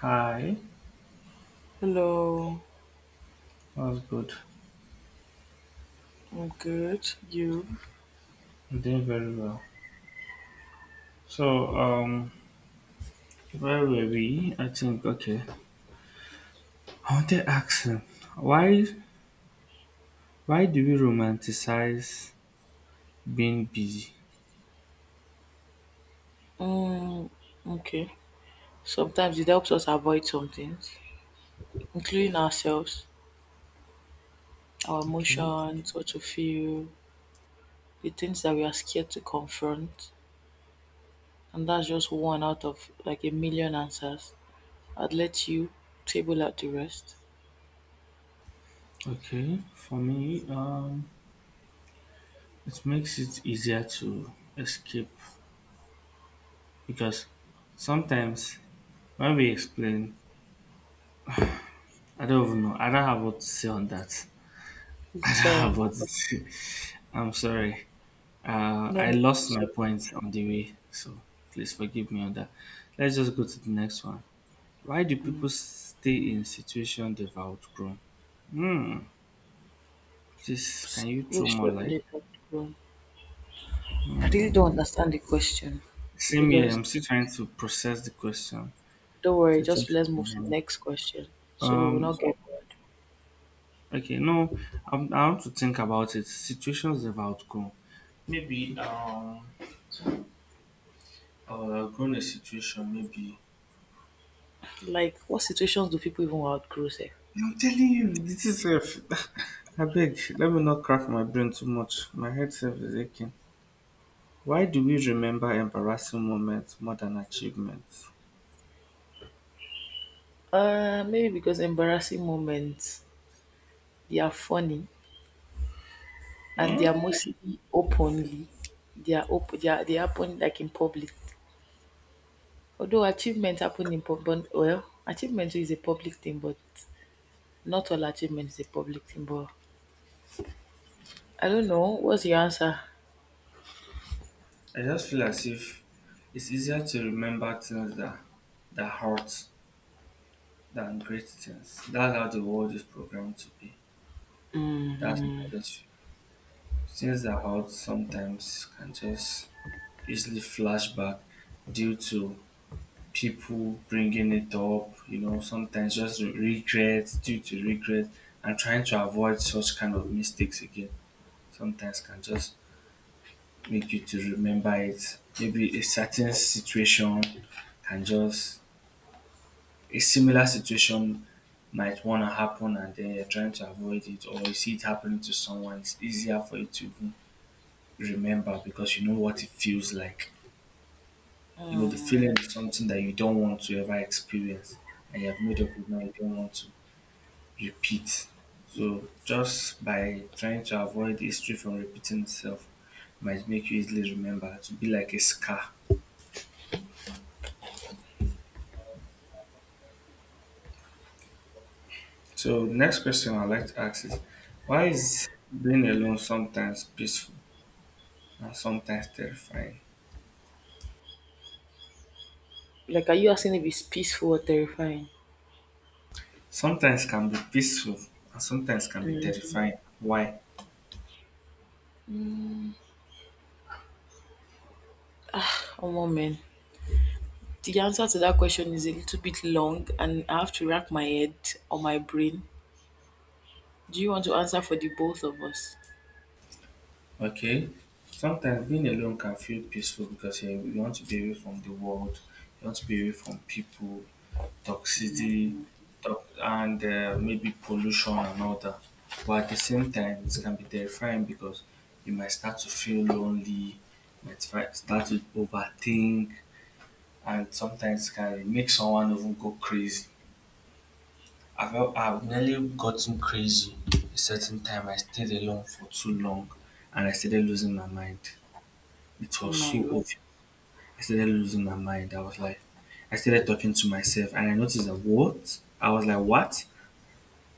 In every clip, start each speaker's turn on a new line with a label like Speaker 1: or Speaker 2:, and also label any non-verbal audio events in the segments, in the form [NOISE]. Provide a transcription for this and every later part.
Speaker 1: Hi,
Speaker 2: Hello,
Speaker 1: that's good.
Speaker 2: I'm good. You?
Speaker 1: I'm doing very well. So, where were we? I think okay. I want to ask him why why do we romanticize being busy?
Speaker 2: Mm, okay. Sometimes it helps us avoid some things, including ourselves, our
Speaker 1: Okay,
Speaker 2: emotions, what to feel, the things that we are scared to confront. And that's just one out of like a million answers. I'd let you table out the rest.
Speaker 1: okay. For me, it makes it easier to escape because sometimes when we explain, I don't even know. I don't have what to say on that. [LAUGHS]
Speaker 2: It's
Speaker 1: I don't have
Speaker 2: fine.
Speaker 1: what to say. I'm sorry. Uh,
Speaker 2: No
Speaker 1: I
Speaker 2: need to be
Speaker 1: lost my
Speaker 2: so.
Speaker 1: points on the way, so please forgive me on that. Let's just go to the next one. Why do people
Speaker 2: Um,
Speaker 1: stay in situations they've outgrown? Hmm. Please, can you
Speaker 2: we
Speaker 1: throw more
Speaker 2: shouldn't
Speaker 1: light?
Speaker 2: be comfortable. I really
Speaker 1: Hmm.
Speaker 2: don't understand the question,
Speaker 1: Same here.
Speaker 2: because
Speaker 1: I'm still trying to process the question.
Speaker 2: don't worry, just
Speaker 1: Situation.
Speaker 2: let's move to the next question so we will
Speaker 1: Um.
Speaker 2: not get.
Speaker 1: Okay. No. I want to think about it. Situations they've outgrown. Maybe. Grown a situation. Maybe
Speaker 2: Like, what situations do people even outgrow sef?
Speaker 1: I'm telling you, this is safe. [LAUGHS] I beg, let me not crack my brain too much. My head self is aching. Why do we remember embarrassing moments more than achievements?
Speaker 2: Maybe because embarrassing moments, they are funny and they are
Speaker 1: Mm,
Speaker 2: mostly openly. They are open. They happen like in public. Although achievement happen in public, well, achievement is a public thing, but not all achievement is a public thing. But I don't know. What's your answer?
Speaker 1: I just feel as if it's easier to remember things that hurt than great things. That's how the world is programmed to be. That's what I just feel. Things that hurt sometimes can just easily flash back due to people bringing it up, you know, sometimes just regret, due to regret, and trying to avoid such kind of mistakes again, sometimes can just make you to remember it. Maybe a certain situation can just, a similar situation might want to happen and then you're trying to avoid it, or you see it happening to someone, it's easier for you to even remember because you know what it feels like. You know, the feeling is something that you don't want to ever experience, and you have made up your mind you don't want to repeat. So just by trying to avoid history from repeating itself might make you easily remember to be like a scar. So the next question I'd like to ask is why is being alone sometimes peaceful and sometimes terrifying?
Speaker 2: Like, are you asking if it's peaceful or terrifying?
Speaker 1: Sometimes can be peaceful and sometimes can be terrifying. Why?
Speaker 2: Oh, moment. The answer to that question is a little bit long, and I have to rack my head or my brain. Do you want to answer for the both of us?
Speaker 1: Okay. Sometimes being alone can feel peaceful because you want to be away from the world, you want to be away from people, toxicity, and maybe pollution and all that. But at the same time, it can be terrifying because you might start to feel lonely, you might start to overthink, and sometimes can make someone even go crazy. I've nearly gotten crazy a certain time. I stayed alone for too long and I started losing my mind. It
Speaker 2: Oh
Speaker 1: was
Speaker 2: my
Speaker 1: so
Speaker 2: god.
Speaker 1: obvious. I started losing my mind. I was like, I started talking to myself and I noticed that what? I was like, what?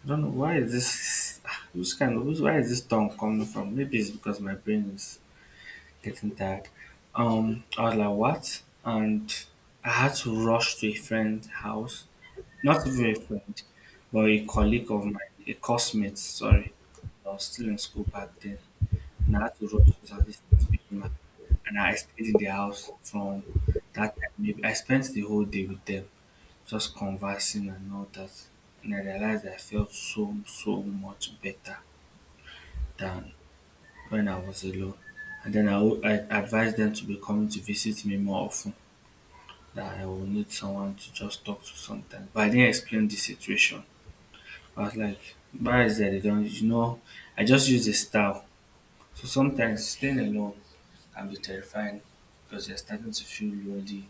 Speaker 1: I don't know why is this [SIGHS] Who's kind of who's? Where is this tongue coming from? Maybe it's because my brain is getting tired. I was like, what? And I had to rush to a friend's house. Not even a friend, but a colleague of mine, a classmate, sorry. I was still in school back then and I had to rush because I was just beating my and I stayed in the house from that time. Maybe I spent the whole day with them, just conversing and all that. And I realized I felt so much better than when I was alone. And then I advised them to be coming to visit me more often. That I will need someone to just talk to sometimes. But I didn't explain the situation. I was like, why is that? They don't, you know, I just use a style. So sometimes staying alone can be terrifying because you're starting to feel lonely.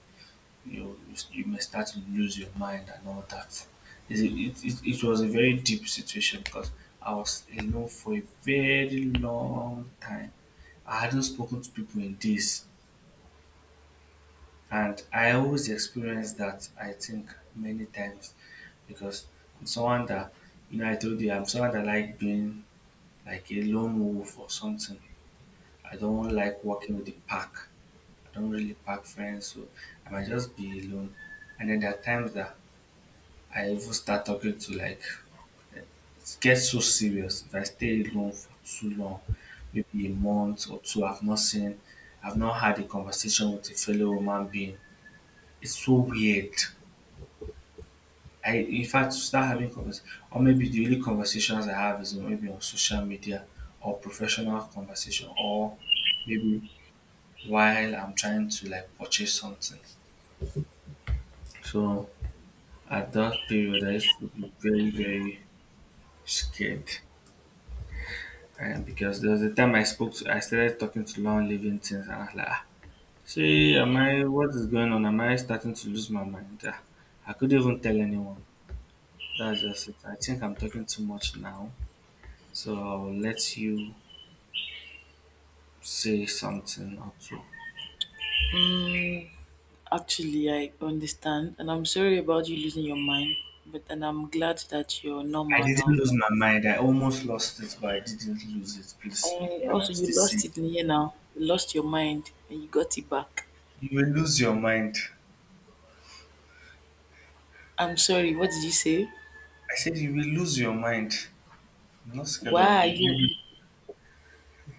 Speaker 1: You may start to lose your mind and all that. It was a very deep situation because I was alone for a very long time. I hadn't spoken to people in days, and I always experience that. I think many times because I'm someone that you know I told you I'm someone that like being like a lone wolf or something. I don't like walking with the pack. I don't really pack friends, so I might just be alone. And then there are times that I even start talking to like it gets so serious if I stay alone for too long, maybe a month or two. I've not seen, I've not had a conversation with a fellow human being. It's so weird. I in fact to start having conversations, or maybe the only conversations I have is maybe on social media or professional conversation, or maybe while I'm trying to like purchase something. So at that period, I used to be very, very scared. And because there was a time I spoke to, I started talking to long living things, and I was like, ah, see, am I, what is going on? Am I starting to lose my mind? Ah, I couldn't even tell anyone. That's just it. I think I'm talking too much now. So I'll let you say something or two.
Speaker 2: Actually, I understand, and I'm sorry about you losing your mind, but and I'm glad that you're
Speaker 1: I
Speaker 2: normal
Speaker 1: didn't
Speaker 2: now.
Speaker 1: lose my mind. I almost lost it, but I didn't lose it, please.
Speaker 2: And
Speaker 1: And I'm
Speaker 2: also, you
Speaker 1: still saying,
Speaker 2: lost it in here now. You lost your mind, and you got it back.
Speaker 1: you will lose your mind.
Speaker 2: I'm sorry. What did you say?
Speaker 1: I said, you will lose your mind. I'm not scared of
Speaker 2: Why are
Speaker 1: you.
Speaker 2: you?
Speaker 1: You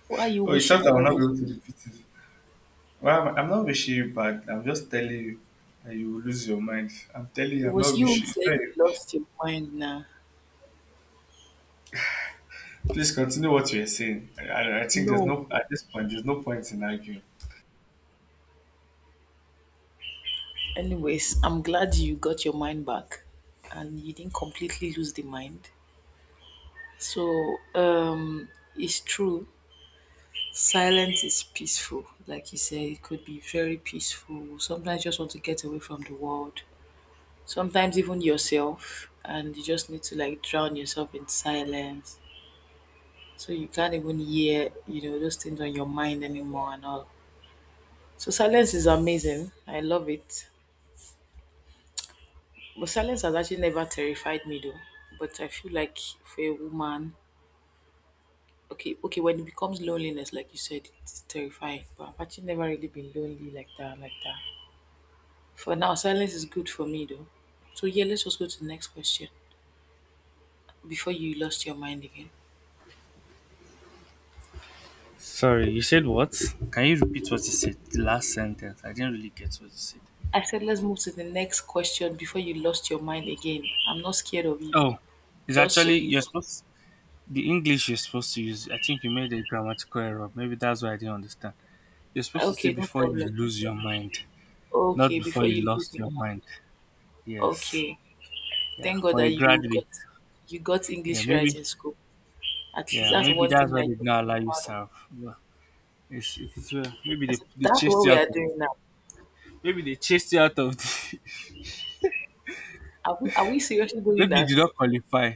Speaker 2: Why are you
Speaker 1: oh, you thought
Speaker 2: wishing
Speaker 1: I will not be
Speaker 2: evil?
Speaker 1: able to repeat it. Well, I'm not wishing you bad. I'm just telling you that you will lose your mind. I'm telling you,
Speaker 2: It
Speaker 1: I'm not
Speaker 2: was you who
Speaker 1: wishing. It's
Speaker 2: said
Speaker 1: not you.
Speaker 2: you lost your mind now.
Speaker 1: Please continue what you are saying. I think there's
Speaker 2: No.
Speaker 1: no at this point. There's no point in arguing.
Speaker 2: Anyways, I'm glad you got your mind back, and you didn't completely lose the mind. So, it's true. Silence is peaceful. Like you say, it could be very peaceful. Sometimes you just want to get away from the world. Sometimes even yourself, and you just need to like drown yourself in silence. So you can't even hear those things on your mind anymore and all. So silence is amazing. I love it. But silence has actually never terrified me though. But I feel like for a woman, okay, okay, when it becomes loneliness, like you said, it's terrifying. But I've actually never really been lonely like that, like that. For now, silence is good for me though. So yeah, let's just go to the next question before you lost your mind again.
Speaker 1: Sorry, you said what? Can you repeat what you said? The last sentence. I didn't really get what you said.
Speaker 2: I said let's move to the next question before you lost your mind again. I'm not scared of you.
Speaker 1: Oh, it's
Speaker 2: Just so
Speaker 1: actually
Speaker 2: you
Speaker 1: you're supposed the English you're supposed to use. I think you made a grammatical error. Maybe that's why I didn't understand. You're supposed to say
Speaker 2: okay, no
Speaker 1: before you
Speaker 2: problem.
Speaker 1: lose your mind. Not
Speaker 2: Okay,
Speaker 1: before
Speaker 2: before
Speaker 1: you
Speaker 2: you lose
Speaker 1: lost
Speaker 2: it.
Speaker 1: your mind. Yes.
Speaker 2: Okay.
Speaker 1: Yeah.
Speaker 2: Thank God
Speaker 1: For a
Speaker 2: that you
Speaker 1: graduate.
Speaker 2: got you got
Speaker 1: Yeah.
Speaker 2: English right
Speaker 1: Maybe.
Speaker 2: in school. At least
Speaker 1: Yeah.
Speaker 2: that's
Speaker 1: Maybe
Speaker 2: one
Speaker 1: that's
Speaker 2: thing
Speaker 1: why
Speaker 2: that
Speaker 1: they did
Speaker 2: you're
Speaker 1: not allow you
Speaker 2: proud of.
Speaker 1: serve. Well, it's, it is well. Maybe
Speaker 2: I
Speaker 1: they,
Speaker 2: said,
Speaker 1: they
Speaker 2: that's
Speaker 1: chased
Speaker 2: what
Speaker 1: you
Speaker 2: we
Speaker 1: out
Speaker 2: are
Speaker 1: of.
Speaker 2: doing now.
Speaker 1: Maybe they chased you out of. The,
Speaker 2: Are we seriously
Speaker 1: [LAUGHS]
Speaker 2: doing
Speaker 1: maybe you did
Speaker 2: that?
Speaker 1: not qualify.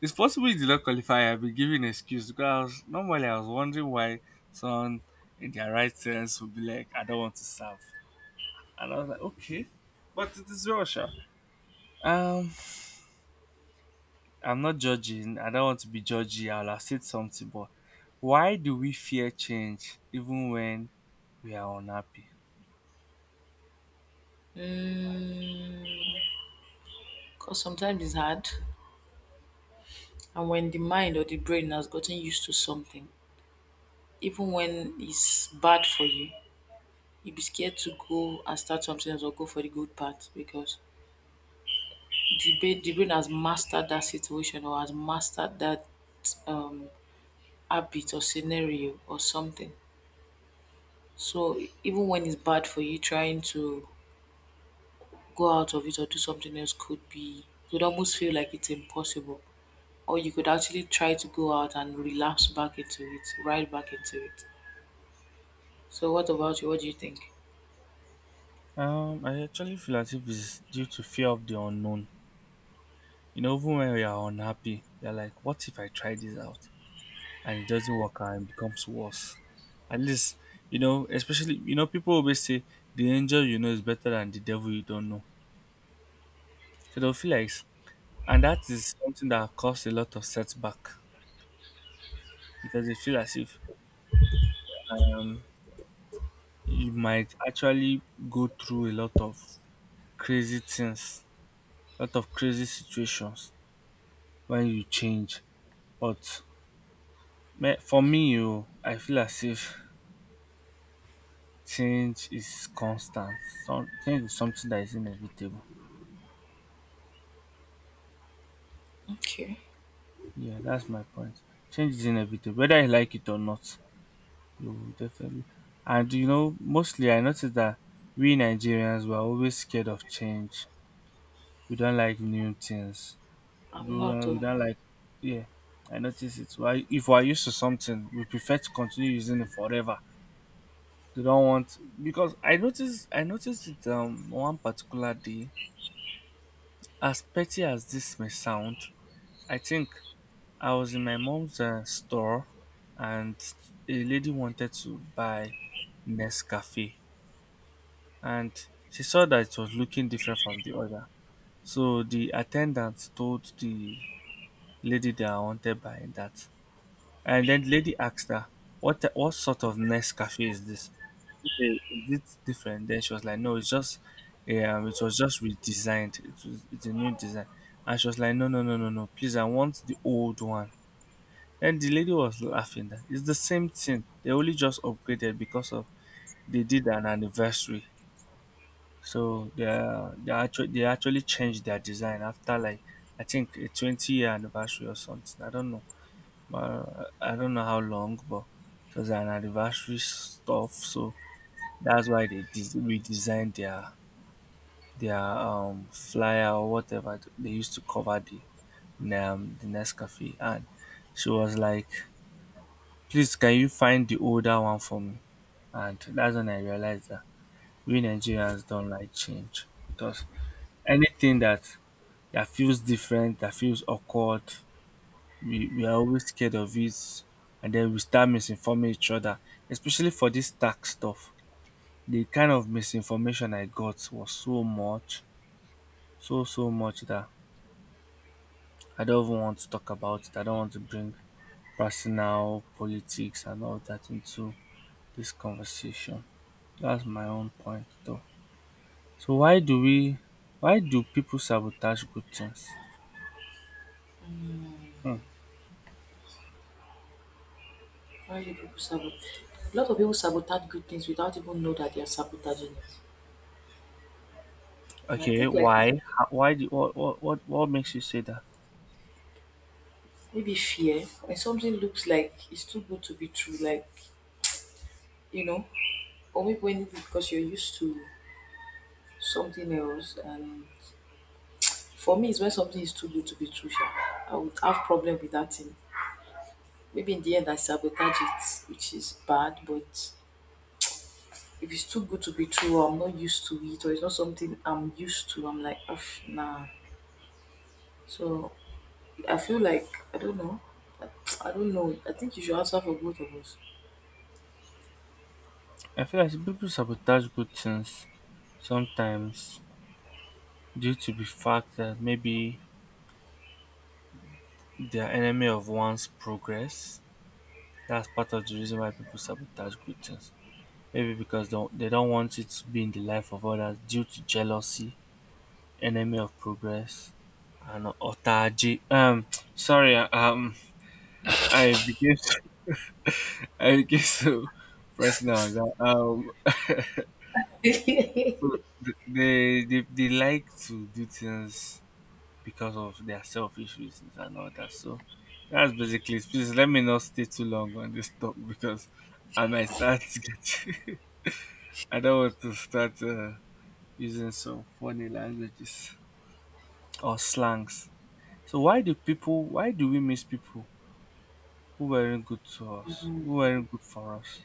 Speaker 1: It's possible you did not qualify. I've been giving excuse because I was, normally I was wondering why someone in their right sense would be like, I don't want to serve. And I was like, okay. But it is well, sure. Um, I'm not judging. I don't want to be judgy. I'll accept something, but why do we fear change even when we are unhappy?
Speaker 2: Because sometimes it's hard. And when the mind or the brain has gotten used to something, even when it's bad for you, you'll be scared to go and start something else or go for the good part because the brain has mastered that situation or has mastered that um, habit or scenario or something. So even when it's bad for you, trying to go out of it or do something else could almost feel like it's impossible. Or you could actually try to go out and relapse back into it, right back into it. So what about you? What do you think?
Speaker 1: I actually feel as if it's due to fear of the unknown. You know, even when we are unhappy, you're like, what if I try this out and it doesn't work out and becomes worse? At least, you know, especially, you know, people always say the angel you know is better than the devil you don't know. So they'll feel like, and that is something that caused a lot of setback because they feel as if um. You might actually go through a lot of crazy things, a lot of crazy situations when you change. But me- for me, oh, I feel as if change is constant. Some, change is something that is inevitable.
Speaker 2: Okay.
Speaker 1: Yeah, that's my point. Change is inevitable, whether you like it or not. You will definitely. And you know, mostly I noticed that we Nigerians were always scared of change. We don't like new things
Speaker 2: I'm not
Speaker 1: we
Speaker 2: though.
Speaker 1: don't like yeah I notice it why if we're used to something we prefer to continue using it forever they don't want because I noticed it one particular day as petty as this may sound I think I was in my mom's store and a lady wanted to buy Nescafe and she saw that it was looking different from the other so the attendant told the lady that I wanted buy that. And then the lady asked her, "What sort of Nescafe is this? Is it different?" Then she was like, "No, it's just, it was just redesigned. It's a new design." And she was like, "No, no, no, no, no, please, I want the old one." And the lady was laughing. That it's the same thing. They only just upgraded because of they did an anniversary. So they actually changed their design after like I think a 20-year anniversary or something. I don't know. I don't know how long, but it was an anniversary stuff, so that's why they redesigned their flyer or whatever they used to cover the Nescafe. And she was like, "Please, can you find the older one for me?" And that's when I realized that we Nigerians don't like change because anything that feels different, that feels awkward, we are always scared of it, and then we start misinforming each other, especially for this tax stuff. The kind of misinformation I got was so much, so much that I don't even want to talk about it. I don't want to bring personal politics and all that into this conversation. That's my own point though. So why do people sabotage good things? Hmm.
Speaker 2: Why do people sabotage? A lot of people sabotage good things without even know that they are sabotaging it. And I
Speaker 1: Okay,
Speaker 2: think like
Speaker 1: why? Why do what makes you say that?
Speaker 2: maybe fear when something looks like it's too good to be true, like you know, or maybe when because you're used to something else. And for me, it's when something is too good to be true. Sha. I would have problem with that thing. Maybe in the end, I sabotage it, which is bad. But if it's too good to be true, or I'm not used to it, or it's not something I'm used to, I'm like, "Uff, nah." So I feel like I don't know. I [TSK] I don't know. I think you should answer for both of us.
Speaker 1: I feel like people sabotage good things sometimes due to the fact that maybe they're enemy of one's progress. That's part of the reason why people sabotage good things. Maybe because they don't want it to be in the life of others, due to jealousy, enemy of progress, and otaji. [TSK] Sorry, I became [LAUGHS] I became so personal on that. [LAUGHS] So they like to do things because of their selfish reasons and all that. So that's basically it. Please let me not stay too long on this talk because I might start to get. [LAUGHS] I don't want to start using some funny languages or slangs. So why do people? Why do we miss people who weren't good to us? Who weren't good for us?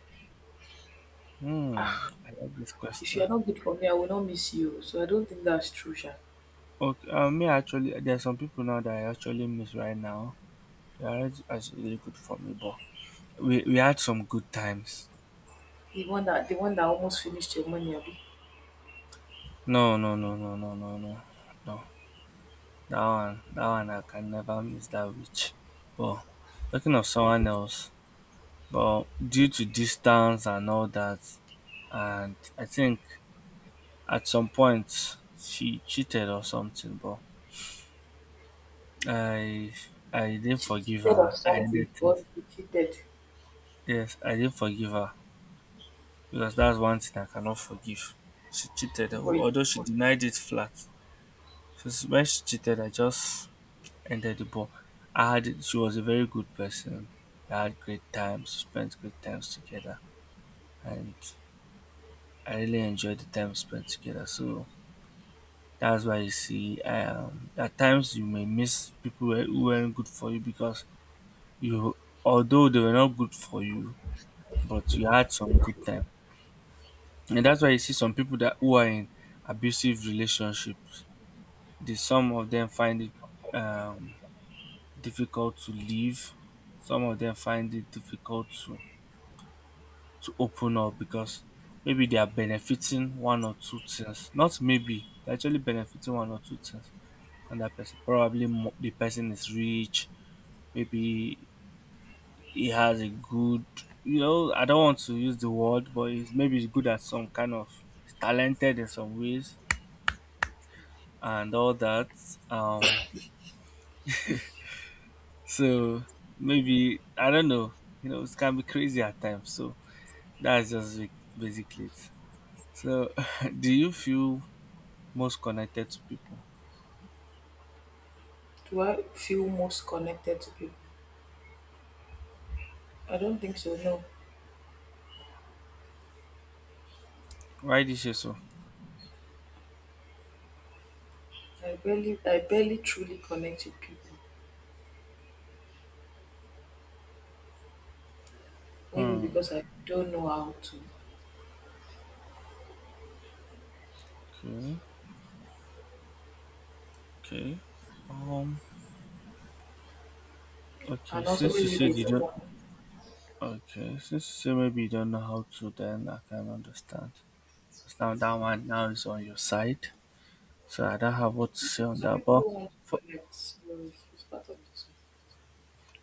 Speaker 1: Hmm. I like this
Speaker 2: If you
Speaker 1: question.
Speaker 2: are not good for me, I will not miss you. So I don't think that's true, Sha.
Speaker 1: Okay. Me, actually, there are some people now that I actually miss right now. They are actually really good for me, but we had some good times.
Speaker 2: The one that almost finished your money, Abi.
Speaker 1: No, no, no, no, no, no, no, no. That one, I can never miss that witch. But talking of someone else, but due to distance and all that, and I think at some point she cheated or something. But I, I didn't
Speaker 2: She
Speaker 1: forgive
Speaker 2: cheated
Speaker 1: her.
Speaker 2: on
Speaker 1: I
Speaker 2: something,
Speaker 1: ended things.
Speaker 2: or she cheated.
Speaker 1: Yes, I didn't forgive her because that's one thing I cannot forgive. She cheated,
Speaker 2: But
Speaker 1: although she denied it flat. Since when she cheated, I just entered the ball. I had she was a very good person. I had great times, spent great times together, and I really enjoyed the time spent together. So that's why you see, at times you may miss people who weren't good for you because you, although they were not good for you, but you had some good time. And that's why you see some people that who are in abusive relationships. They, some of them find it um, difficult to leave. Some of them find it difficult to open up because maybe they are benefiting one or two things. Not maybe, they're actually benefiting one or two things on that person. Probably the person is rich, maybe he has a good, you know, I don't want to use the word, but he's maybe he's good at some kind of, he's talented in some ways and all that. Um, so maybe, I don't know, you know, it can be crazy at times. So that's just it- basically it. So [LAUGHS] do you feel most connected to people?
Speaker 2: do I feel most connected to people? I don't think so. No,
Speaker 1: Why this year so?
Speaker 2: I barely truly connect with people. Maybe
Speaker 1: Hmm.
Speaker 2: because I don't know how to,
Speaker 1: Okay. Okay. Um. Okay.
Speaker 2: and also
Speaker 1: Since you
Speaker 2: maybe they
Speaker 1: said you
Speaker 2: don't
Speaker 1: don't.
Speaker 2: want.
Speaker 1: Okay. Since you say maybe you don't know how to, then I can understand. 'Cause now that one now is on your side, so I don't have what to say on
Speaker 2: Some
Speaker 1: that.
Speaker 2: people
Speaker 1: But
Speaker 2: don't want to
Speaker 1: for,
Speaker 2: connect. So it's part of it too.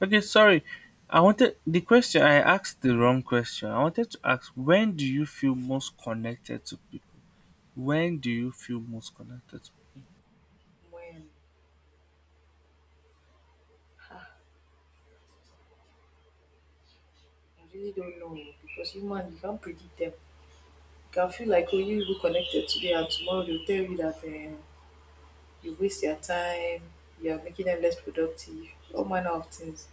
Speaker 1: okay, sorry. I wanted the question. I asked the wrong question. I wanted to ask, when do you feel most connected to people? When do you feel most connected to
Speaker 2: When I really don't know, oh, because human you can't predict them. You can feel like oh you even connected today and tomorrow they'll tell you that you waste their time, you are making them less productive, all manner of things.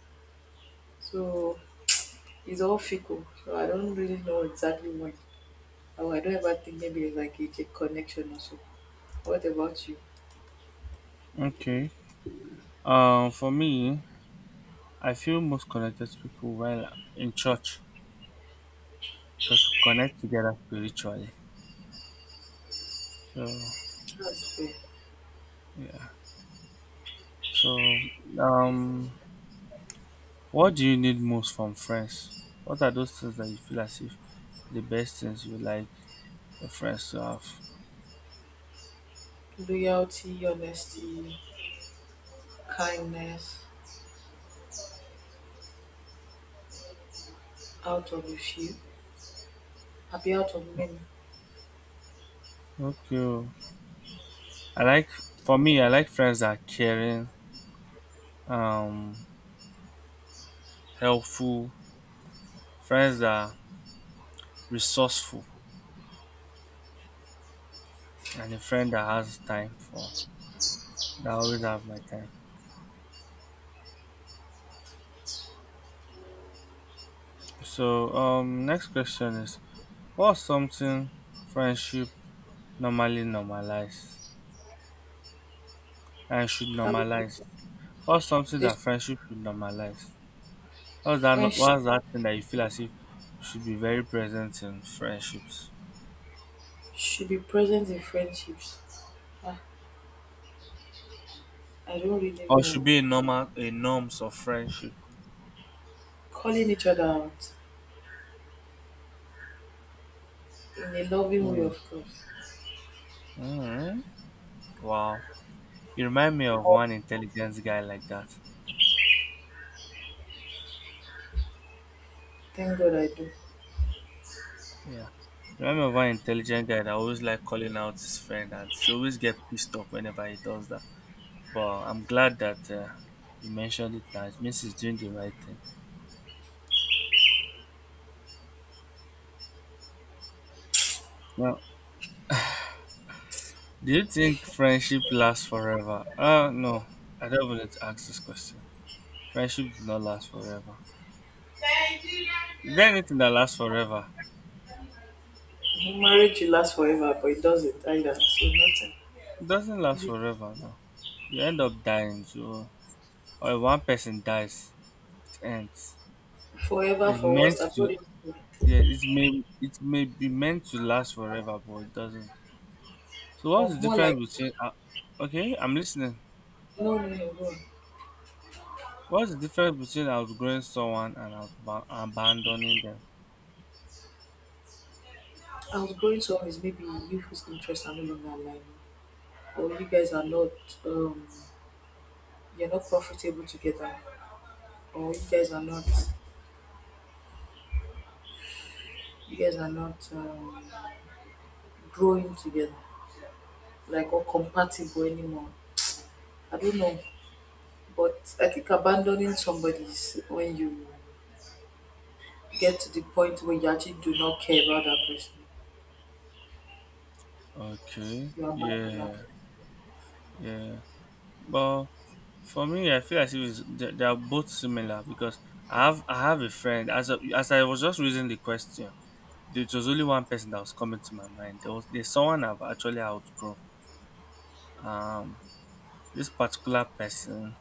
Speaker 2: So it's all fickle. So I don't really know exactly when. Or I don't ever think maybe it's like it's a connection or so. What about you?
Speaker 1: people? Okay. For me, I feel most connected to people while in church because we connect together spiritually. So
Speaker 2: That's fair.
Speaker 1: yeah. So um, what do you need most from friends? What are those things that you feel as if the best things you like your friends to have?
Speaker 2: Loyalty, honesty, kindness, out of a few, happy out of many.
Speaker 1: Okay. Oh. I like for me. I like friends that are caring, um, helpful. Friends that are resourceful, and a friend that always have my time. So next question is, what's something friendship normally normalize and should
Speaker 2: That would be-
Speaker 1: normalize? What's something that
Speaker 2: there's
Speaker 1: friendship should normalize? What's that? No-
Speaker 2: French
Speaker 1: What's that thing that you feel as if should be very present in friendships,
Speaker 2: should be present in friendships. Ah, I don't really
Speaker 1: or
Speaker 2: know.
Speaker 1: should be a normal a norms of friendship?
Speaker 2: Calling each other out in a loving way,
Speaker 1: Mm.
Speaker 2: of course.
Speaker 1: Mm. Wow, you remind me of one intelligent guy like that.
Speaker 2: Thank God I do.
Speaker 1: Yeah, you remind me of one intelligent guy that always like calling out his friend, and she always get pissed off whenever he does that. But I'm glad that you mentioned it now. It means he's doing the right thing. Now, do you think friendship lasts forever? Uh, no, I don't even need to ask this question. Friendship does not last forever. Is there anything that lasts forever?
Speaker 2: Mhm, marriage will last forever, but it doesn't either. So nothing.
Speaker 1: It doesn't last
Speaker 2: Be
Speaker 1: forever, no. You end up dying, so, or if one person dies, it ends.
Speaker 2: forever
Speaker 1: It's
Speaker 2: for
Speaker 1: meant
Speaker 2: us, I've
Speaker 1: to
Speaker 2: got it.
Speaker 1: Yeah, it may be meant to last forever, but it doesn't. So what's
Speaker 2: Or
Speaker 1: the
Speaker 2: more like,
Speaker 1: difference between okay, I'm listening.
Speaker 2: no, no, no, no.
Speaker 1: What's the difference between outgrowing someone and abandoning them?
Speaker 2: I was going to always maybe you whose interests are no longer aligned, or you guys are not, um, you're not profitable together, or you guys are not growing together, like or compatible anymore. I don't know, but I think abandoning somebody is when you get to the point where you actually do not care about that person.
Speaker 1: Okay,
Speaker 2: You abandon that.
Speaker 1: yeah, yeah. But for me, I feel as if it's, they are both similar because I have a friend. As a, as I was just reading the question, there was only one person that was coming to my mind. There's someone I've actually outgrown. Um, this particular person.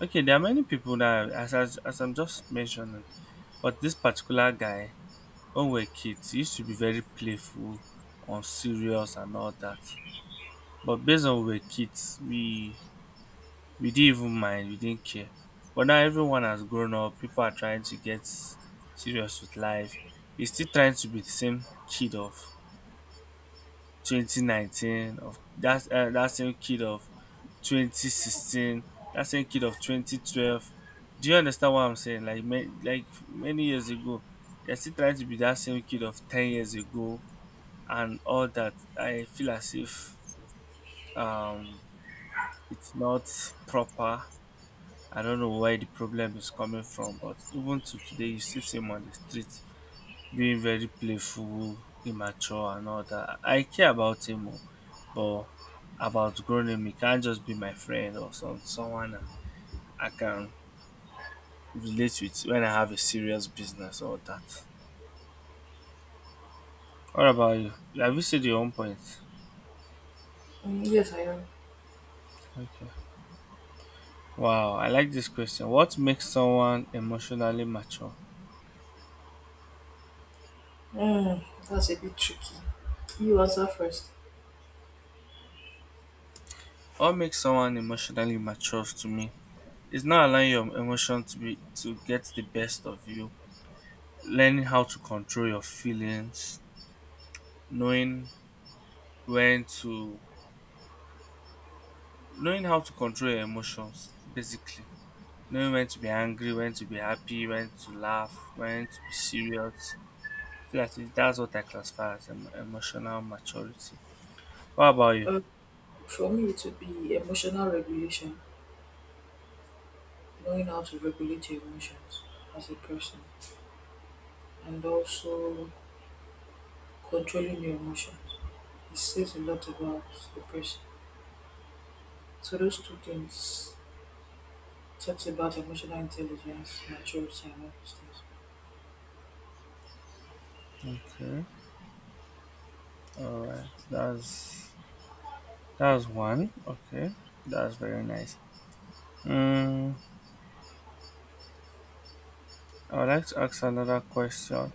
Speaker 1: Okay, there are many people that as I'm just mentioning, but this particular guy, when we were kids, we used to be very playful, unserious and all that. But based on we were kids, we didn't even mind, we didn't care. But now everyone has grown up, people are trying to get serious with life. He's still trying to be the same kid of 2019, of that that same kid of 2016, that same kid of 2012. Do you understand what I'm saying? Like like many years ago, they're still trying to be that same kid of 10 years ago, and all that. I feel as if um, it's not proper. I don't know where the problem is coming from, but even to today, you still see him on the street being very playful, immature, and all that. I care about him, oh, but I've outgrown him. He can't just be my friend or someone and I can relate with when I have a serious business or that. What about you? Have you said your own point?
Speaker 2: Mm, yes, I am.
Speaker 1: Okay. Wow, I like this question. What makes someone emotionally mature?
Speaker 2: Mm, that's a bit tricky. You answer first.
Speaker 1: What makes someone emotionally mature to me is not allowing your emotion to get the best of you, learning how to control your feelings, knowing when to knowing how to control your emotions, basically. Knowing when to be angry, when to be happy, when to laugh, when to be serious. I feel like that's what I classify as emotional maturity. What about you?
Speaker 2: Um, for me, it would be emotional regulation, knowing how to regulate your emotions as a person, and also controlling your emotions. It says a lot about the person. So those two things talks about emotional intelligence, maturity, and all those things.
Speaker 1: Okay, all right, that's one. Okay, that's very nice. Mm, I would like to ask another question.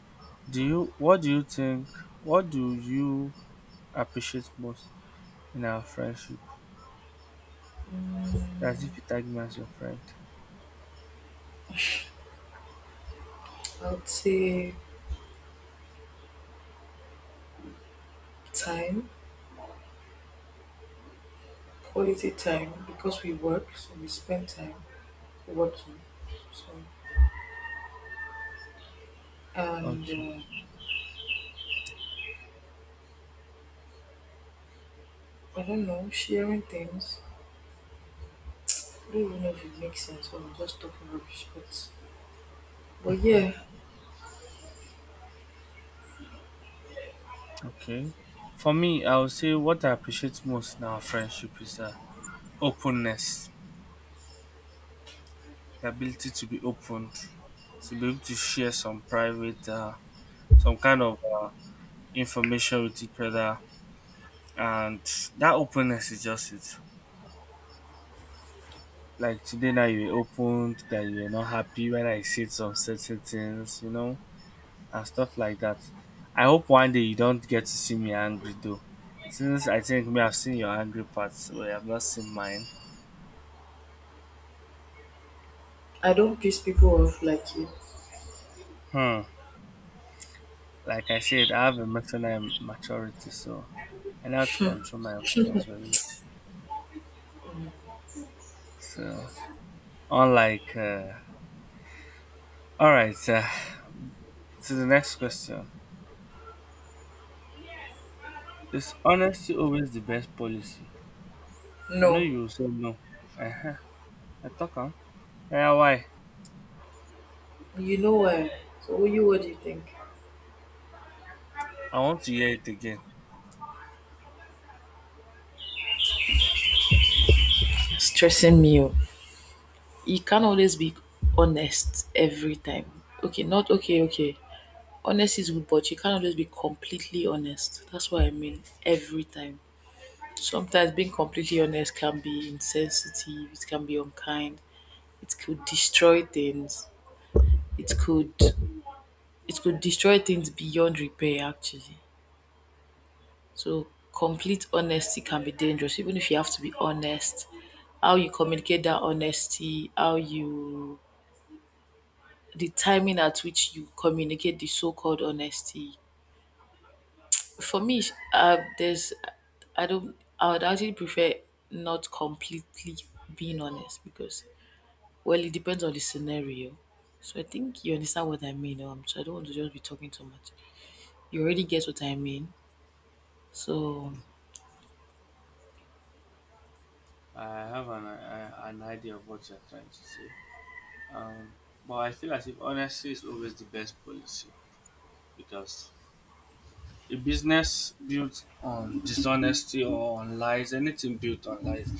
Speaker 1: Do you what do you think what do you appreciate most in our friendship? That's if you tag me as your friend.
Speaker 2: I would say time, quality time, because we work, so we spend time working. So and
Speaker 1: Okay.
Speaker 2: I don't know, sharing things. I don't even know if it makes sense or I'm just talking rubbish, but yeah.
Speaker 1: Okay. For me, I would say what I appreciate most in our friendship is openness, the ability to be open, to be able to share some private, some kind of information with each other, and that openness is just it. Like today now you were opened that you were not happy when I said some certain things, you know, and stuff like that. I hope one day you don't get to see me angry though. Since I think me, I've seen your angry parts, but I've not seen mine.
Speaker 2: I don't piss people off like you.
Speaker 1: Hmm. Like I said, I have emotional maturity, so I know how to control my emotions very well. So unlike uh, all right, to the next question. Is honesty always the best policy? I know
Speaker 2: No,
Speaker 1: you will say no. Uh-huh. I talk on. Yeah, why?
Speaker 2: you know why. So you, what do you think?
Speaker 1: I want to hear it again.
Speaker 2: Stressing me. Oh. You can't always be honest every time. Okay, not okay, okay. Honest is good, but you can't always be completely honest. That's what I mean every time. Sometimes being completely honest can be insensitive, it can be unkind, it could destroy things. It could it could destroy things beyond repair actually. So complete honesty can be dangerous, even if you have to be honest. How you communicate that honesty, how you, the timing at which you communicate the so called honesty. For me, there's I don't I would actually prefer not completely being honest because well it depends on the scenario. So I think you understand what I mean. So I don't want to just be talking too much. You already get what I mean. So
Speaker 1: I have an, I, an idea of what you're trying to say. Um, but I feel as if honesty is always the best policy because a business built on dishonesty or on lies, anything built on lies,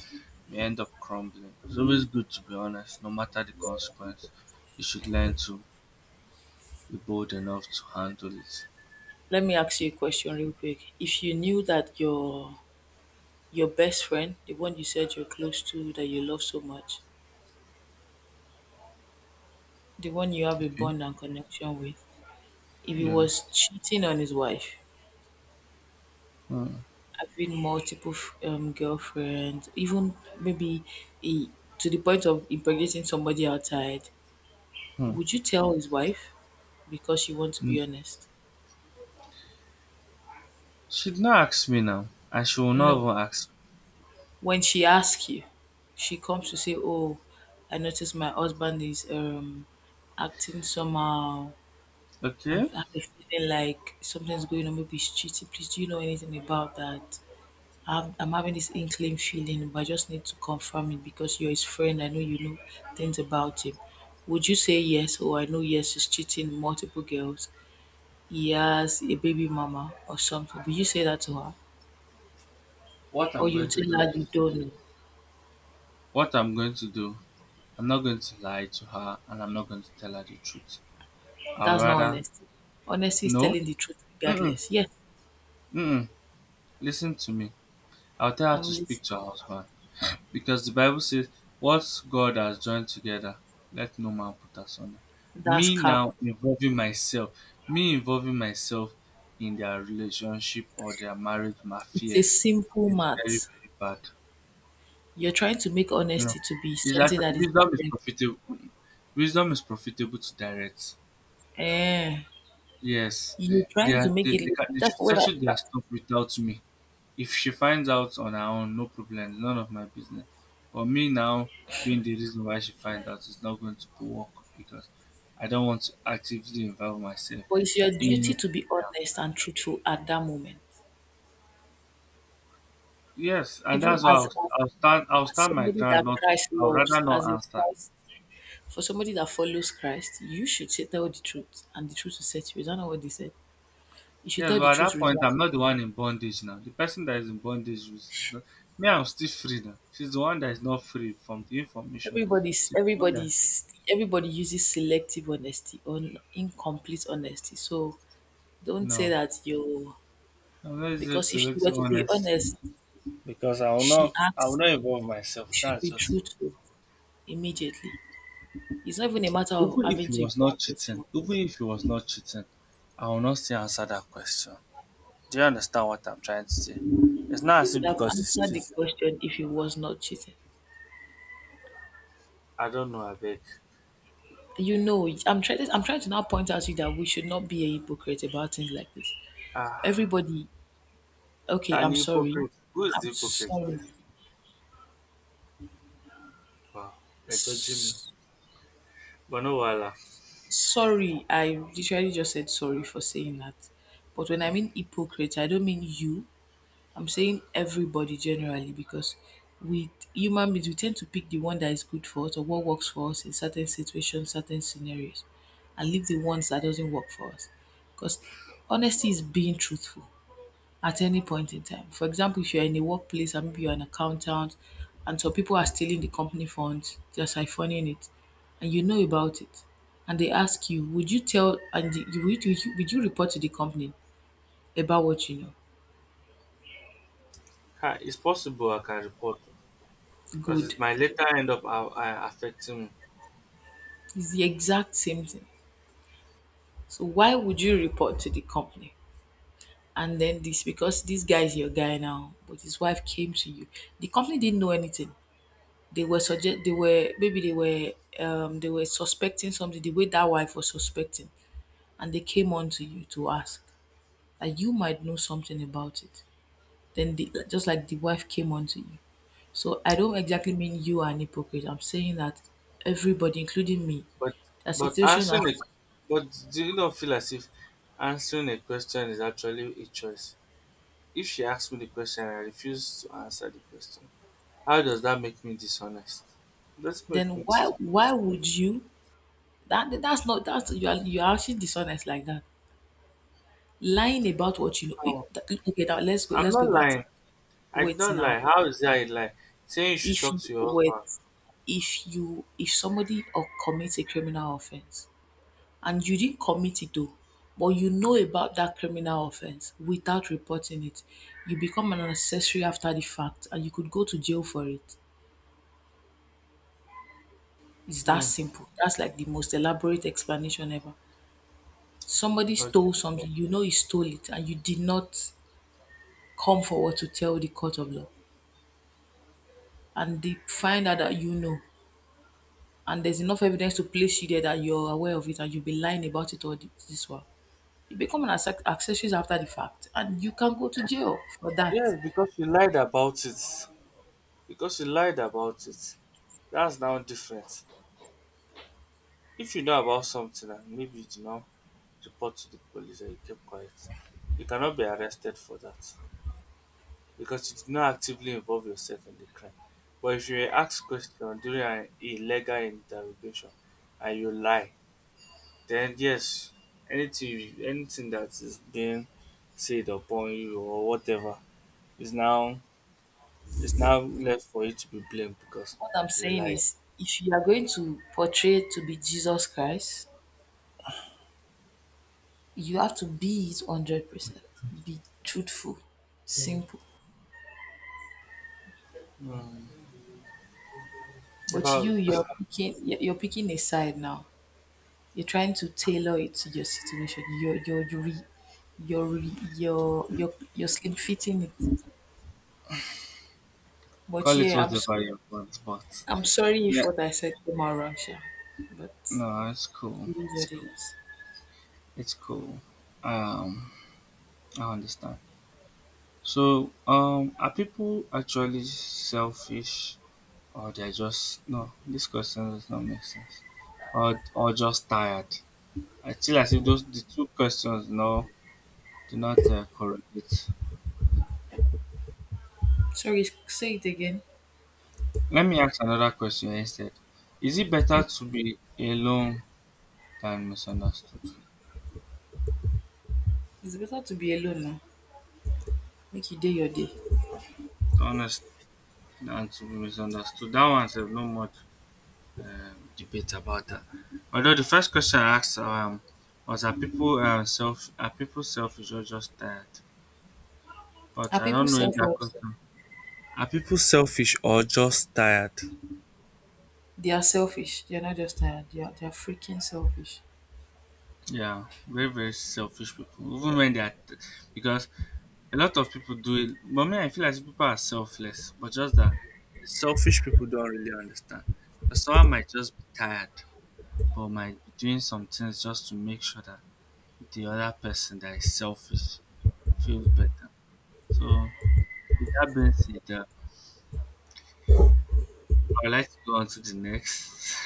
Speaker 1: may end up crumbling. It's always good to be honest, no matter the consequence. You should learn to be bold enough to handle it.
Speaker 2: let me ask you a question real quick. If you knew that your best friend, the one you said you're close to, that you love so much, the one you have a
Speaker 1: Okay.
Speaker 2: bond and connection with, if he
Speaker 1: Yeah.
Speaker 2: was cheating on his wife,
Speaker 1: Hmm.
Speaker 2: having multiple girlfriends, even maybe he, to the point of impregnating somebody outside,
Speaker 1: Hmm.
Speaker 2: would you tell his wife because you want to
Speaker 1: Mm.
Speaker 2: be honest?
Speaker 1: She'd not ask me now, and she will not
Speaker 2: No.
Speaker 1: even ask.
Speaker 2: When she asks you, she comes to say, "Oh, I noticed my husband is acting somehow. I'm,
Speaker 1: Okay?
Speaker 2: I'm feeling like something's going on. Maybe he's cheating. Please, do you know anything about that?" I'm having this inkling feeling, but I just need to confirm it because you're his friend. I know you know things about him. Would you say yes? Oh, I know yes, he's cheating multiple girls. He has a baby mama or something. Would you say that to her?
Speaker 1: What
Speaker 2: Or
Speaker 1: I'm
Speaker 2: you
Speaker 1: going to
Speaker 2: tell
Speaker 1: do
Speaker 2: her
Speaker 1: is.
Speaker 2: you don't know?
Speaker 1: What I'm going to do, I'm not going to lie to her and I'm not going to tell her the truth. I'll
Speaker 2: That's not
Speaker 1: rather
Speaker 2: honesty. Honesty is
Speaker 1: no,
Speaker 2: telling the truth
Speaker 1: mm-mm,
Speaker 2: regardless. Yes,
Speaker 1: mm-mm. Listen to me. I'll tell her
Speaker 2: I'm
Speaker 1: to speak
Speaker 2: listening.
Speaker 1: to her husband because the Bible says, "What God has joined together, let no man put asunder."
Speaker 2: That's
Speaker 1: Me
Speaker 2: cap.
Speaker 1: now involving myself, Me involving myself in their relationship or their marriage
Speaker 2: It's a
Speaker 1: matters
Speaker 2: simple
Speaker 1: is very
Speaker 2: math.
Speaker 1: very bad.
Speaker 2: You're trying to make
Speaker 1: No,
Speaker 2: honesty to be
Speaker 1: it's
Speaker 2: something
Speaker 1: actually
Speaker 2: that is
Speaker 1: wisdom is
Speaker 2: direct.
Speaker 1: profitable. Wisdom is profitable to direct.
Speaker 2: Eh,
Speaker 1: Yes,
Speaker 2: you're
Speaker 1: they
Speaker 2: trying to
Speaker 1: are.
Speaker 2: make it
Speaker 1: They
Speaker 2: look.
Speaker 1: can. They
Speaker 2: That's
Speaker 1: should
Speaker 2: what I.
Speaker 1: settle their stuff without me. If she finds out on her own, no problem. None of my business. But me now being the reason why she finds out is not going to work because I don't want to actively involve myself
Speaker 2: But it's your duty
Speaker 1: in.
Speaker 2: to be
Speaker 1: Yeah.
Speaker 2: honest and truthful at that moment,
Speaker 1: Yes, and
Speaker 2: even
Speaker 1: that's why
Speaker 2: as, as
Speaker 1: I'll
Speaker 2: as
Speaker 1: stand my
Speaker 2: somebody
Speaker 1: ground.
Speaker 2: that
Speaker 1: Not.
Speaker 2: Christ
Speaker 1: I'll rather
Speaker 2: loves,
Speaker 1: not
Speaker 2: as a
Speaker 1: answer.
Speaker 2: Christ for somebody that follows Christ, you should say, tell the truth, and the truth will set you. Is that not what they said? You should
Speaker 1: Yes,
Speaker 2: tell the
Speaker 1: but at
Speaker 2: truth
Speaker 1: that point,
Speaker 2: regarding
Speaker 1: I'm not the one in bondage now. The person that is in bondage is me. I'm still free now. She's the one that is not free from the information. She's the one that
Speaker 2: everybody uses selective honesty or incomplete honesty. So don't say
Speaker 1: No,
Speaker 2: that you
Speaker 1: I'm not just
Speaker 2: because if you were
Speaker 1: selective
Speaker 2: to be
Speaker 1: honesty
Speaker 2: honest,
Speaker 1: because
Speaker 2: she
Speaker 1: I will
Speaker 2: asks
Speaker 1: not involve
Speaker 2: you
Speaker 1: myself.
Speaker 2: should
Speaker 1: That's
Speaker 2: be
Speaker 1: just
Speaker 2: truthful immediately. It's not even a matter of
Speaker 1: even if
Speaker 2: having
Speaker 1: he
Speaker 2: to
Speaker 1: was not
Speaker 2: involve
Speaker 1: cheating.
Speaker 2: yourself.
Speaker 1: Even if he was not cheating, I will not still answer that question. Do you understand what I'm trying to say? It's not
Speaker 2: He
Speaker 1: as
Speaker 2: would
Speaker 1: if
Speaker 2: have
Speaker 1: because he's
Speaker 2: answered the
Speaker 1: cheating.
Speaker 2: question if he was not cheating.
Speaker 1: I don't know. I beg.
Speaker 2: I'm trying to now point out to you that we should not be a hypocrite about things like this.
Speaker 1: Ah,
Speaker 2: Everybody, okay, I'm
Speaker 1: tiny
Speaker 2: sorry.
Speaker 1: hypocrite. Who is the
Speaker 2: I'm
Speaker 1: hypocrite?
Speaker 2: sorry.
Speaker 1: Wow, you're judging me.
Speaker 2: S-
Speaker 1: But no, wala.
Speaker 2: sorry, I literally just said sorry for saying that. But when I mean hypocrite, I don't mean you. I'm saying everybody generally because we, human beings, we tend to pick the one that is good for us or what works for us in certain situations, certain scenarios, and leave the ones that doesn't work for us. Because honesty is being truthful at any point in time. For example, if you're in a workplace and maybe you're an accountant and some people are stealing the company funds, they're siphoning it, and you know about it, and they ask you, would you tell and the- you would you, would you report to the company about what you know?
Speaker 1: It's possible I can report because it
Speaker 2: Good.
Speaker 1: might later end up affecting me.
Speaker 2: It's the exact same thing. So why would you report to the company? And then this because this guy is your guy now, but his wife came to you. The company didn't know anything. They were maybe they were suspecting something the way that wife was suspecting, and they came on to you to ask that you might know something about it. Then, just like the wife came on to you. So I don't exactly mean you are an hypocrite. I'm saying that everybody, including me,
Speaker 1: But
Speaker 2: a
Speaker 1: but
Speaker 2: situation as.
Speaker 1: answering it, but do you not feel as if answering a question is actually a choice? If she asks me the question and I refuse to answer the question, how does that make me dishonest? It doesn't make
Speaker 2: Then
Speaker 1: me
Speaker 2: why
Speaker 1: dishonest.
Speaker 2: would you. That that's not that's you are actually dishonest like that. Lying about what you know.
Speaker 1: How?
Speaker 2: Okay, now let's go
Speaker 1: I'm not
Speaker 2: back to.
Speaker 1: lying. I did
Speaker 2: Wait
Speaker 1: not
Speaker 2: now.
Speaker 1: lie. How is that a lie? Saying you should
Speaker 2: If
Speaker 1: talk
Speaker 2: you
Speaker 1: to your
Speaker 2: wait,
Speaker 1: husband.
Speaker 2: if somebody or commits a criminal offense and you didn't commit it though, but you know about that criminal offense without reporting it, you become an accessory after the fact and you could go to jail for it. It's that
Speaker 1: Hmm.
Speaker 2: simple. That's like the most elaborate explanation ever. Somebody
Speaker 1: Okay.
Speaker 2: stole something, you know he stole it, and you did not come forward to tell the court of law and they find out that you know and there's enough evidence to place you there that you're aware of it and you've been lying about it all this while. You become an accessories after the fact and you can go to jail for that.
Speaker 1: Yes, because you lied about it. Because you lied about it. That's now different. If you know about something and maybe you do not report to the police and you kept quiet, you cannot be arrested for that because you did not actively involve yourself in the crime. But if you were asked questions during an illegal interrogation and you lie, then yes, anything that is being said upon you or whatever is now is now left for you to be blamed because
Speaker 2: What I'm
Speaker 1: you
Speaker 2: saying
Speaker 1: lied.
Speaker 2: is if you are going to portray to be Jesus Christ, you have to be it 100%. Be truthful, simple.
Speaker 1: Mm. If
Speaker 2: But
Speaker 1: I
Speaker 2: you, you're picking a side now. You're trying to tailor it to your situation. You're re, you're re, you're slim fitting it. But
Speaker 1: call it
Speaker 2: yeah,
Speaker 1: whatever you want, but
Speaker 2: I'm sorry
Speaker 1: yeah,
Speaker 2: if what I said came out wrong, Sha. But
Speaker 1: no, it's cool.
Speaker 2: it is
Speaker 1: It's
Speaker 2: what it
Speaker 1: cool.
Speaker 2: is.
Speaker 1: It's cool. Um, I understand. So, are people actually selfish, or they're just no? This question does not make sense. Or just tired? I feel as if those the two questions no do not correlate.
Speaker 2: Sorry, say it again.
Speaker 1: Let me ask another question instead. Is it better to be alone than misunderstood?
Speaker 2: It's better to be alone now. Make you day your day.
Speaker 1: Honest than to be misunderstood. That one said no much. Debate about that. Although the first question I asked was are people self are people selfish or just tired? But
Speaker 2: Are
Speaker 1: I
Speaker 2: people
Speaker 1: don't know if that
Speaker 2: self-worth?
Speaker 1: question. Are people selfish or just tired?
Speaker 2: They are selfish. They're not just tired. They are freaking selfish.
Speaker 1: Yeah, very very selfish people. Even when they are, t- because a lot of people do it. But me, I feel like people are selfless. But just that the selfish people don't really understand. Because someone might just be tired, but might be doing some things just to make sure that the other person that is selfish feels better. So with that being said, I would like to go on to the next.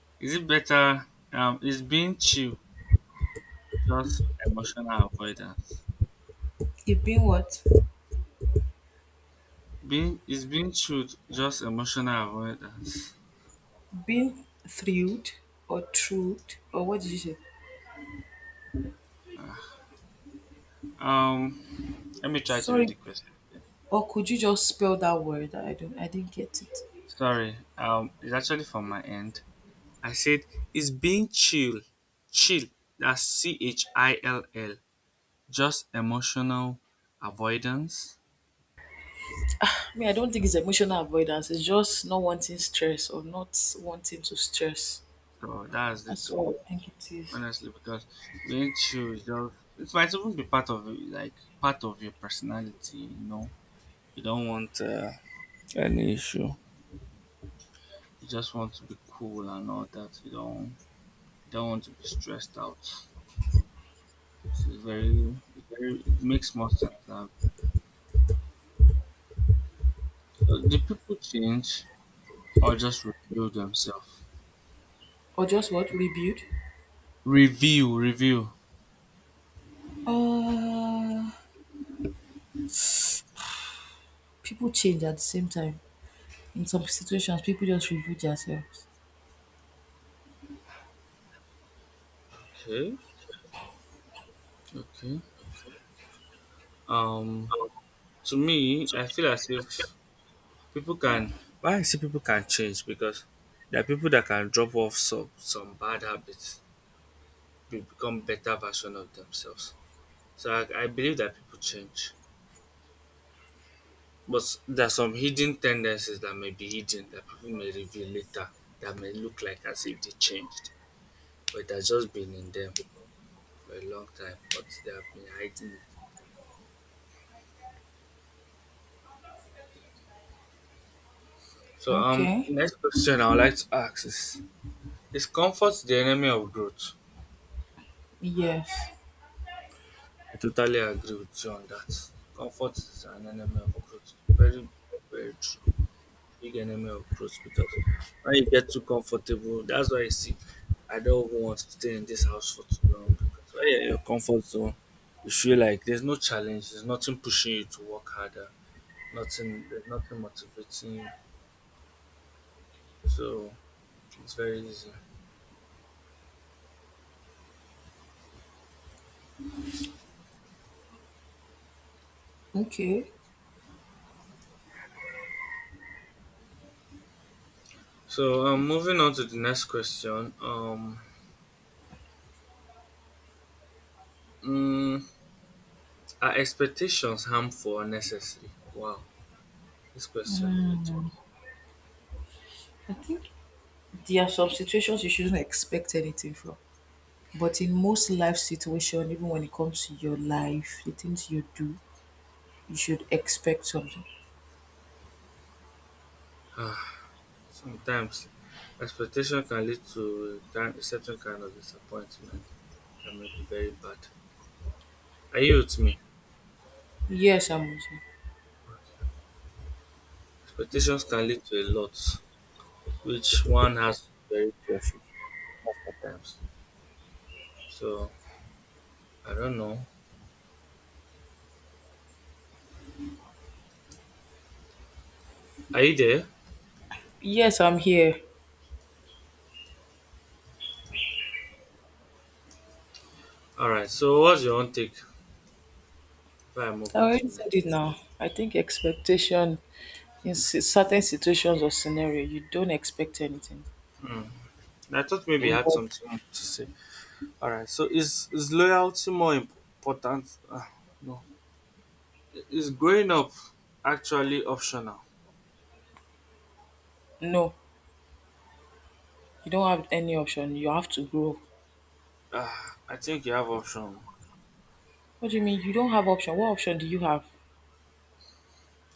Speaker 1: [LAUGHS] Is it better? Is being chill just emotional avoidance?
Speaker 2: You've been what?
Speaker 1: Being is being chilled just emotional avoidance?
Speaker 2: Been thrilled or truth or what did you say?
Speaker 1: Um, let me try to read
Speaker 2: Sorry,
Speaker 1: the question. Again.
Speaker 2: or could you just spell that word? I didn't get it.
Speaker 1: Sorry, it's actually from my end. I said, is being chill, chill, that's chill, just emotional avoidance?
Speaker 2: I mean I don't think it's emotional avoidance, it's just not wanting stress or not wanting to stress.
Speaker 1: So that's it.
Speaker 2: That's what I think it is.
Speaker 1: Honestly because being chill is just it might even be part of it, like part of your personality you know you don't want any issue you just want to be cool and all that you don't want to be stressed out so it's very it makes more sense now so do people change or just reveal themselves
Speaker 2: Or just what? Rebuild?
Speaker 1: review
Speaker 2: Uh people change at the same time. In some situations people just rebuild themselves.
Speaker 1: okay okay um to me I feel as if People can why I say people can change because there are people that can drop off some bad habits be become better version of themselves. So I believe that people change. But there are some hidden tendencies that may be hidden that people may reveal later that may look like as if they changed. But it has just been in them for a long time, but they have been hiding it. So
Speaker 2: Okay.
Speaker 1: next question I would like to ask is comfort the enemy of growth?
Speaker 2: Yes.
Speaker 1: I totally agree with you on that. Comfort is an enemy of growth. Very, very true. Big enemy of growth because when you get too comfortable, that's why you see, I don't even want to stay in this house for too long because when you're in your comfort zone, you feel like there's no challenge, there's nothing pushing you to work harder, nothing, there's nothing motivating you. So it's very easy.
Speaker 2: Okay.
Speaker 1: So moving on to the next question. Mm, are expectations harmful or necessary? Wow. This question read,
Speaker 2: I think there are some situations you shouldn't expect anything from. But in most life situation, even when it comes to your life, the things you do, you should expect something.
Speaker 1: ah, sometimes expectation can lead to a certain kind of disappointment that may be very bad. Are you with me?
Speaker 2: Yes, I'm with you.
Speaker 1: Okay. Expectations can lead to a lot, which one has to be very careful most of the times. So I don't know. Are you there?
Speaker 2: Yes, I'm here.
Speaker 1: All right. So what's your own take? If I move
Speaker 2: I
Speaker 1: on to
Speaker 2: already
Speaker 1: the
Speaker 2: said
Speaker 1: next.
Speaker 2: it now. I think expectation in
Speaker 1: Okay.
Speaker 2: certain situations or scenario, you don't expect anything.
Speaker 1: Hmm. I thought maybe you had
Speaker 2: But
Speaker 1: something to say. All right. So is loyalty more important? Ah, no. Is growing up actually optional?
Speaker 2: no, you don't have any option. You have to grow.
Speaker 1: Ah, I think you have option.
Speaker 2: What do you mean you don't have option? What option do you have?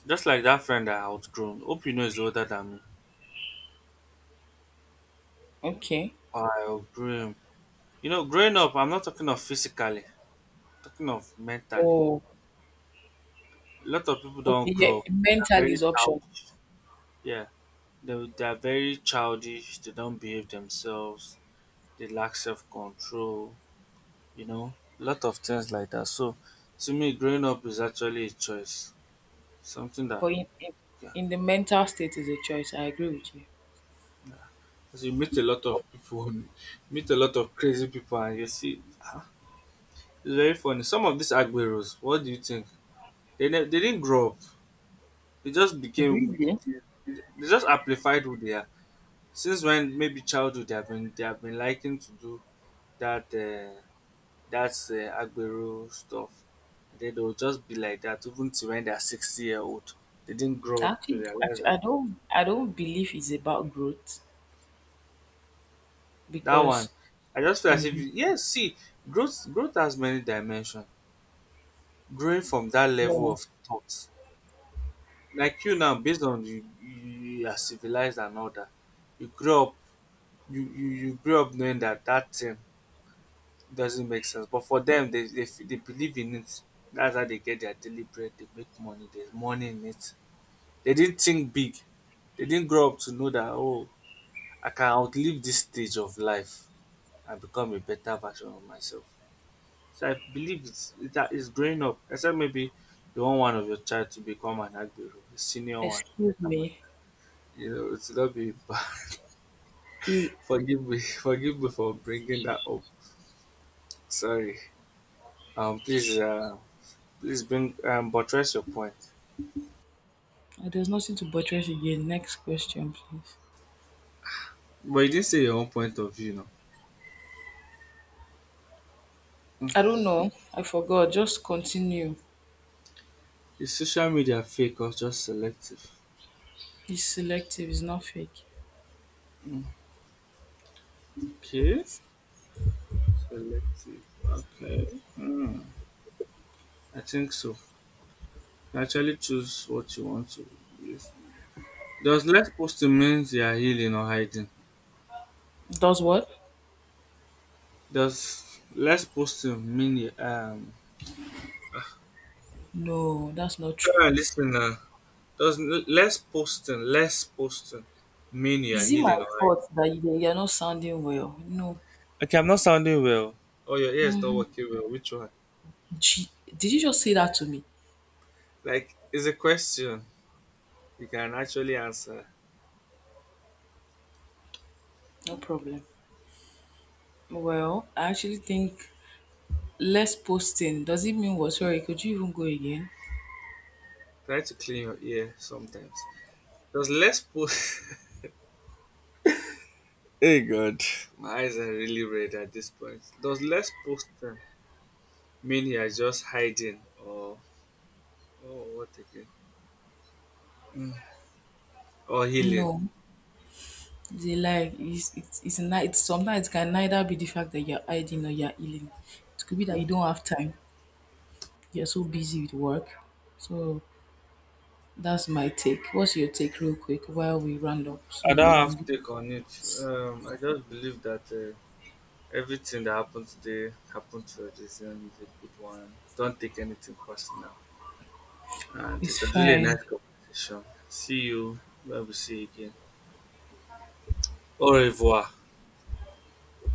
Speaker 1: Just like that friend I outgrown. Hope you know is older than me.
Speaker 2: Okay.
Speaker 1: Ah, I outgrew him. You know, growing up, I'm not talking of physically, I'm talking of mentally.
Speaker 2: Oh,
Speaker 1: A lot of people don't
Speaker 2: okay. Yeah,
Speaker 1: grow. They're
Speaker 2: mental
Speaker 1: very
Speaker 2: is option,
Speaker 1: childish. Yeah, they are very childish. They don't behave themselves. They lack self control. You know, a lot of things like that. So, to me, growing up is actually a choice. Something that
Speaker 2: but in, in,
Speaker 1: yeah,
Speaker 2: in the mental state is a choice. I agree with you.
Speaker 1: 'cause you meet a lot of people, [LAUGHS] meet a lot of crazy people, and you see, ah, it's very funny. Some of these agueros, what do you think? They didn't grow up. They just became,
Speaker 2: Really?
Speaker 1: they just amplified who they are. Since when maybe childhood they have been liking to do that uh, that Agbero stuff, and then they'll just be like that even to when they're 60 years old. They didn't grow up to
Speaker 2: Actually,
Speaker 1: realize
Speaker 2: actually,
Speaker 1: that
Speaker 2: I don't. I don't believe it's about growth
Speaker 1: that one.
Speaker 2: because,
Speaker 1: I just feel as if yes, see, growth has many dimensions. Growing from that level
Speaker 2: no.
Speaker 1: of thought, like you now, based on you, you are civilized and all that, you grew up, you grew up knowing that that thing doesn't make sense. But for them, they believe in it. That's how they get their daily bread. They make money. There's money in it. They didn't think big. They didn't grow up to know that, oh, I can outlive this stage of life and become a better version of myself. So I believe it's growing up. Except maybe you want one of your child to become an agbero, a senior one.
Speaker 2: Excuse
Speaker 1: I'm a-
Speaker 2: me.
Speaker 1: you know, it will not be bad.
Speaker 2: L-
Speaker 1: [LAUGHS] forgive me, [LAUGHS] forgive me for bringing that up. Sorry. Please, please bring buttress your point.
Speaker 2: There's nothing to buttress again. Next question, please.
Speaker 1: But you didn't say your own point of view, no.
Speaker 2: I don't know. I forgot. Just continue.
Speaker 1: Is social media fake or just selective?
Speaker 2: He's selective. He's not fake.
Speaker 1: Okay, selective. Okay. Hmm. I think so. You actually choose what you want to. Use. Does less posting means you are healing or hiding?
Speaker 2: Does what?
Speaker 1: Does less posting mean the
Speaker 2: No, that's not true.
Speaker 1: tell our listener does less posting mean you're
Speaker 2: Is it my
Speaker 1: healing or hiding?
Speaker 2: fault that you're not sounding well? No.
Speaker 1: Okay, I'm not sounding well. Oh your ears not working well. Which one?
Speaker 2: Gee, did you just say that to me?
Speaker 1: Like it's a question you can actually answer.
Speaker 2: No problem. Well, I actually think less posting. Does it mean what? Sorry, could you even go again?
Speaker 1: Try to clean your ear sometimes. Does less post [LAUGHS] Hey God. My eyes are really red at this point. Does less posting mean you're just hiding or what again? Mm. Or healing?
Speaker 2: No. They like it's sometimes it can neither be the fact that you're hiding or you're healing. It could be that you don't have time. You're so busy with work. So that's my take. What's your take real quick while we round up so
Speaker 1: I
Speaker 2: you
Speaker 1: don't have
Speaker 2: can.
Speaker 1: take on it. I just believe that everything that happened today happened for a reason. Is a good one. Don't take anything personal. And it
Speaker 2: It's
Speaker 1: was really a
Speaker 2: fine.
Speaker 1: nice conversation. See you. Where we see you again. Au revoir.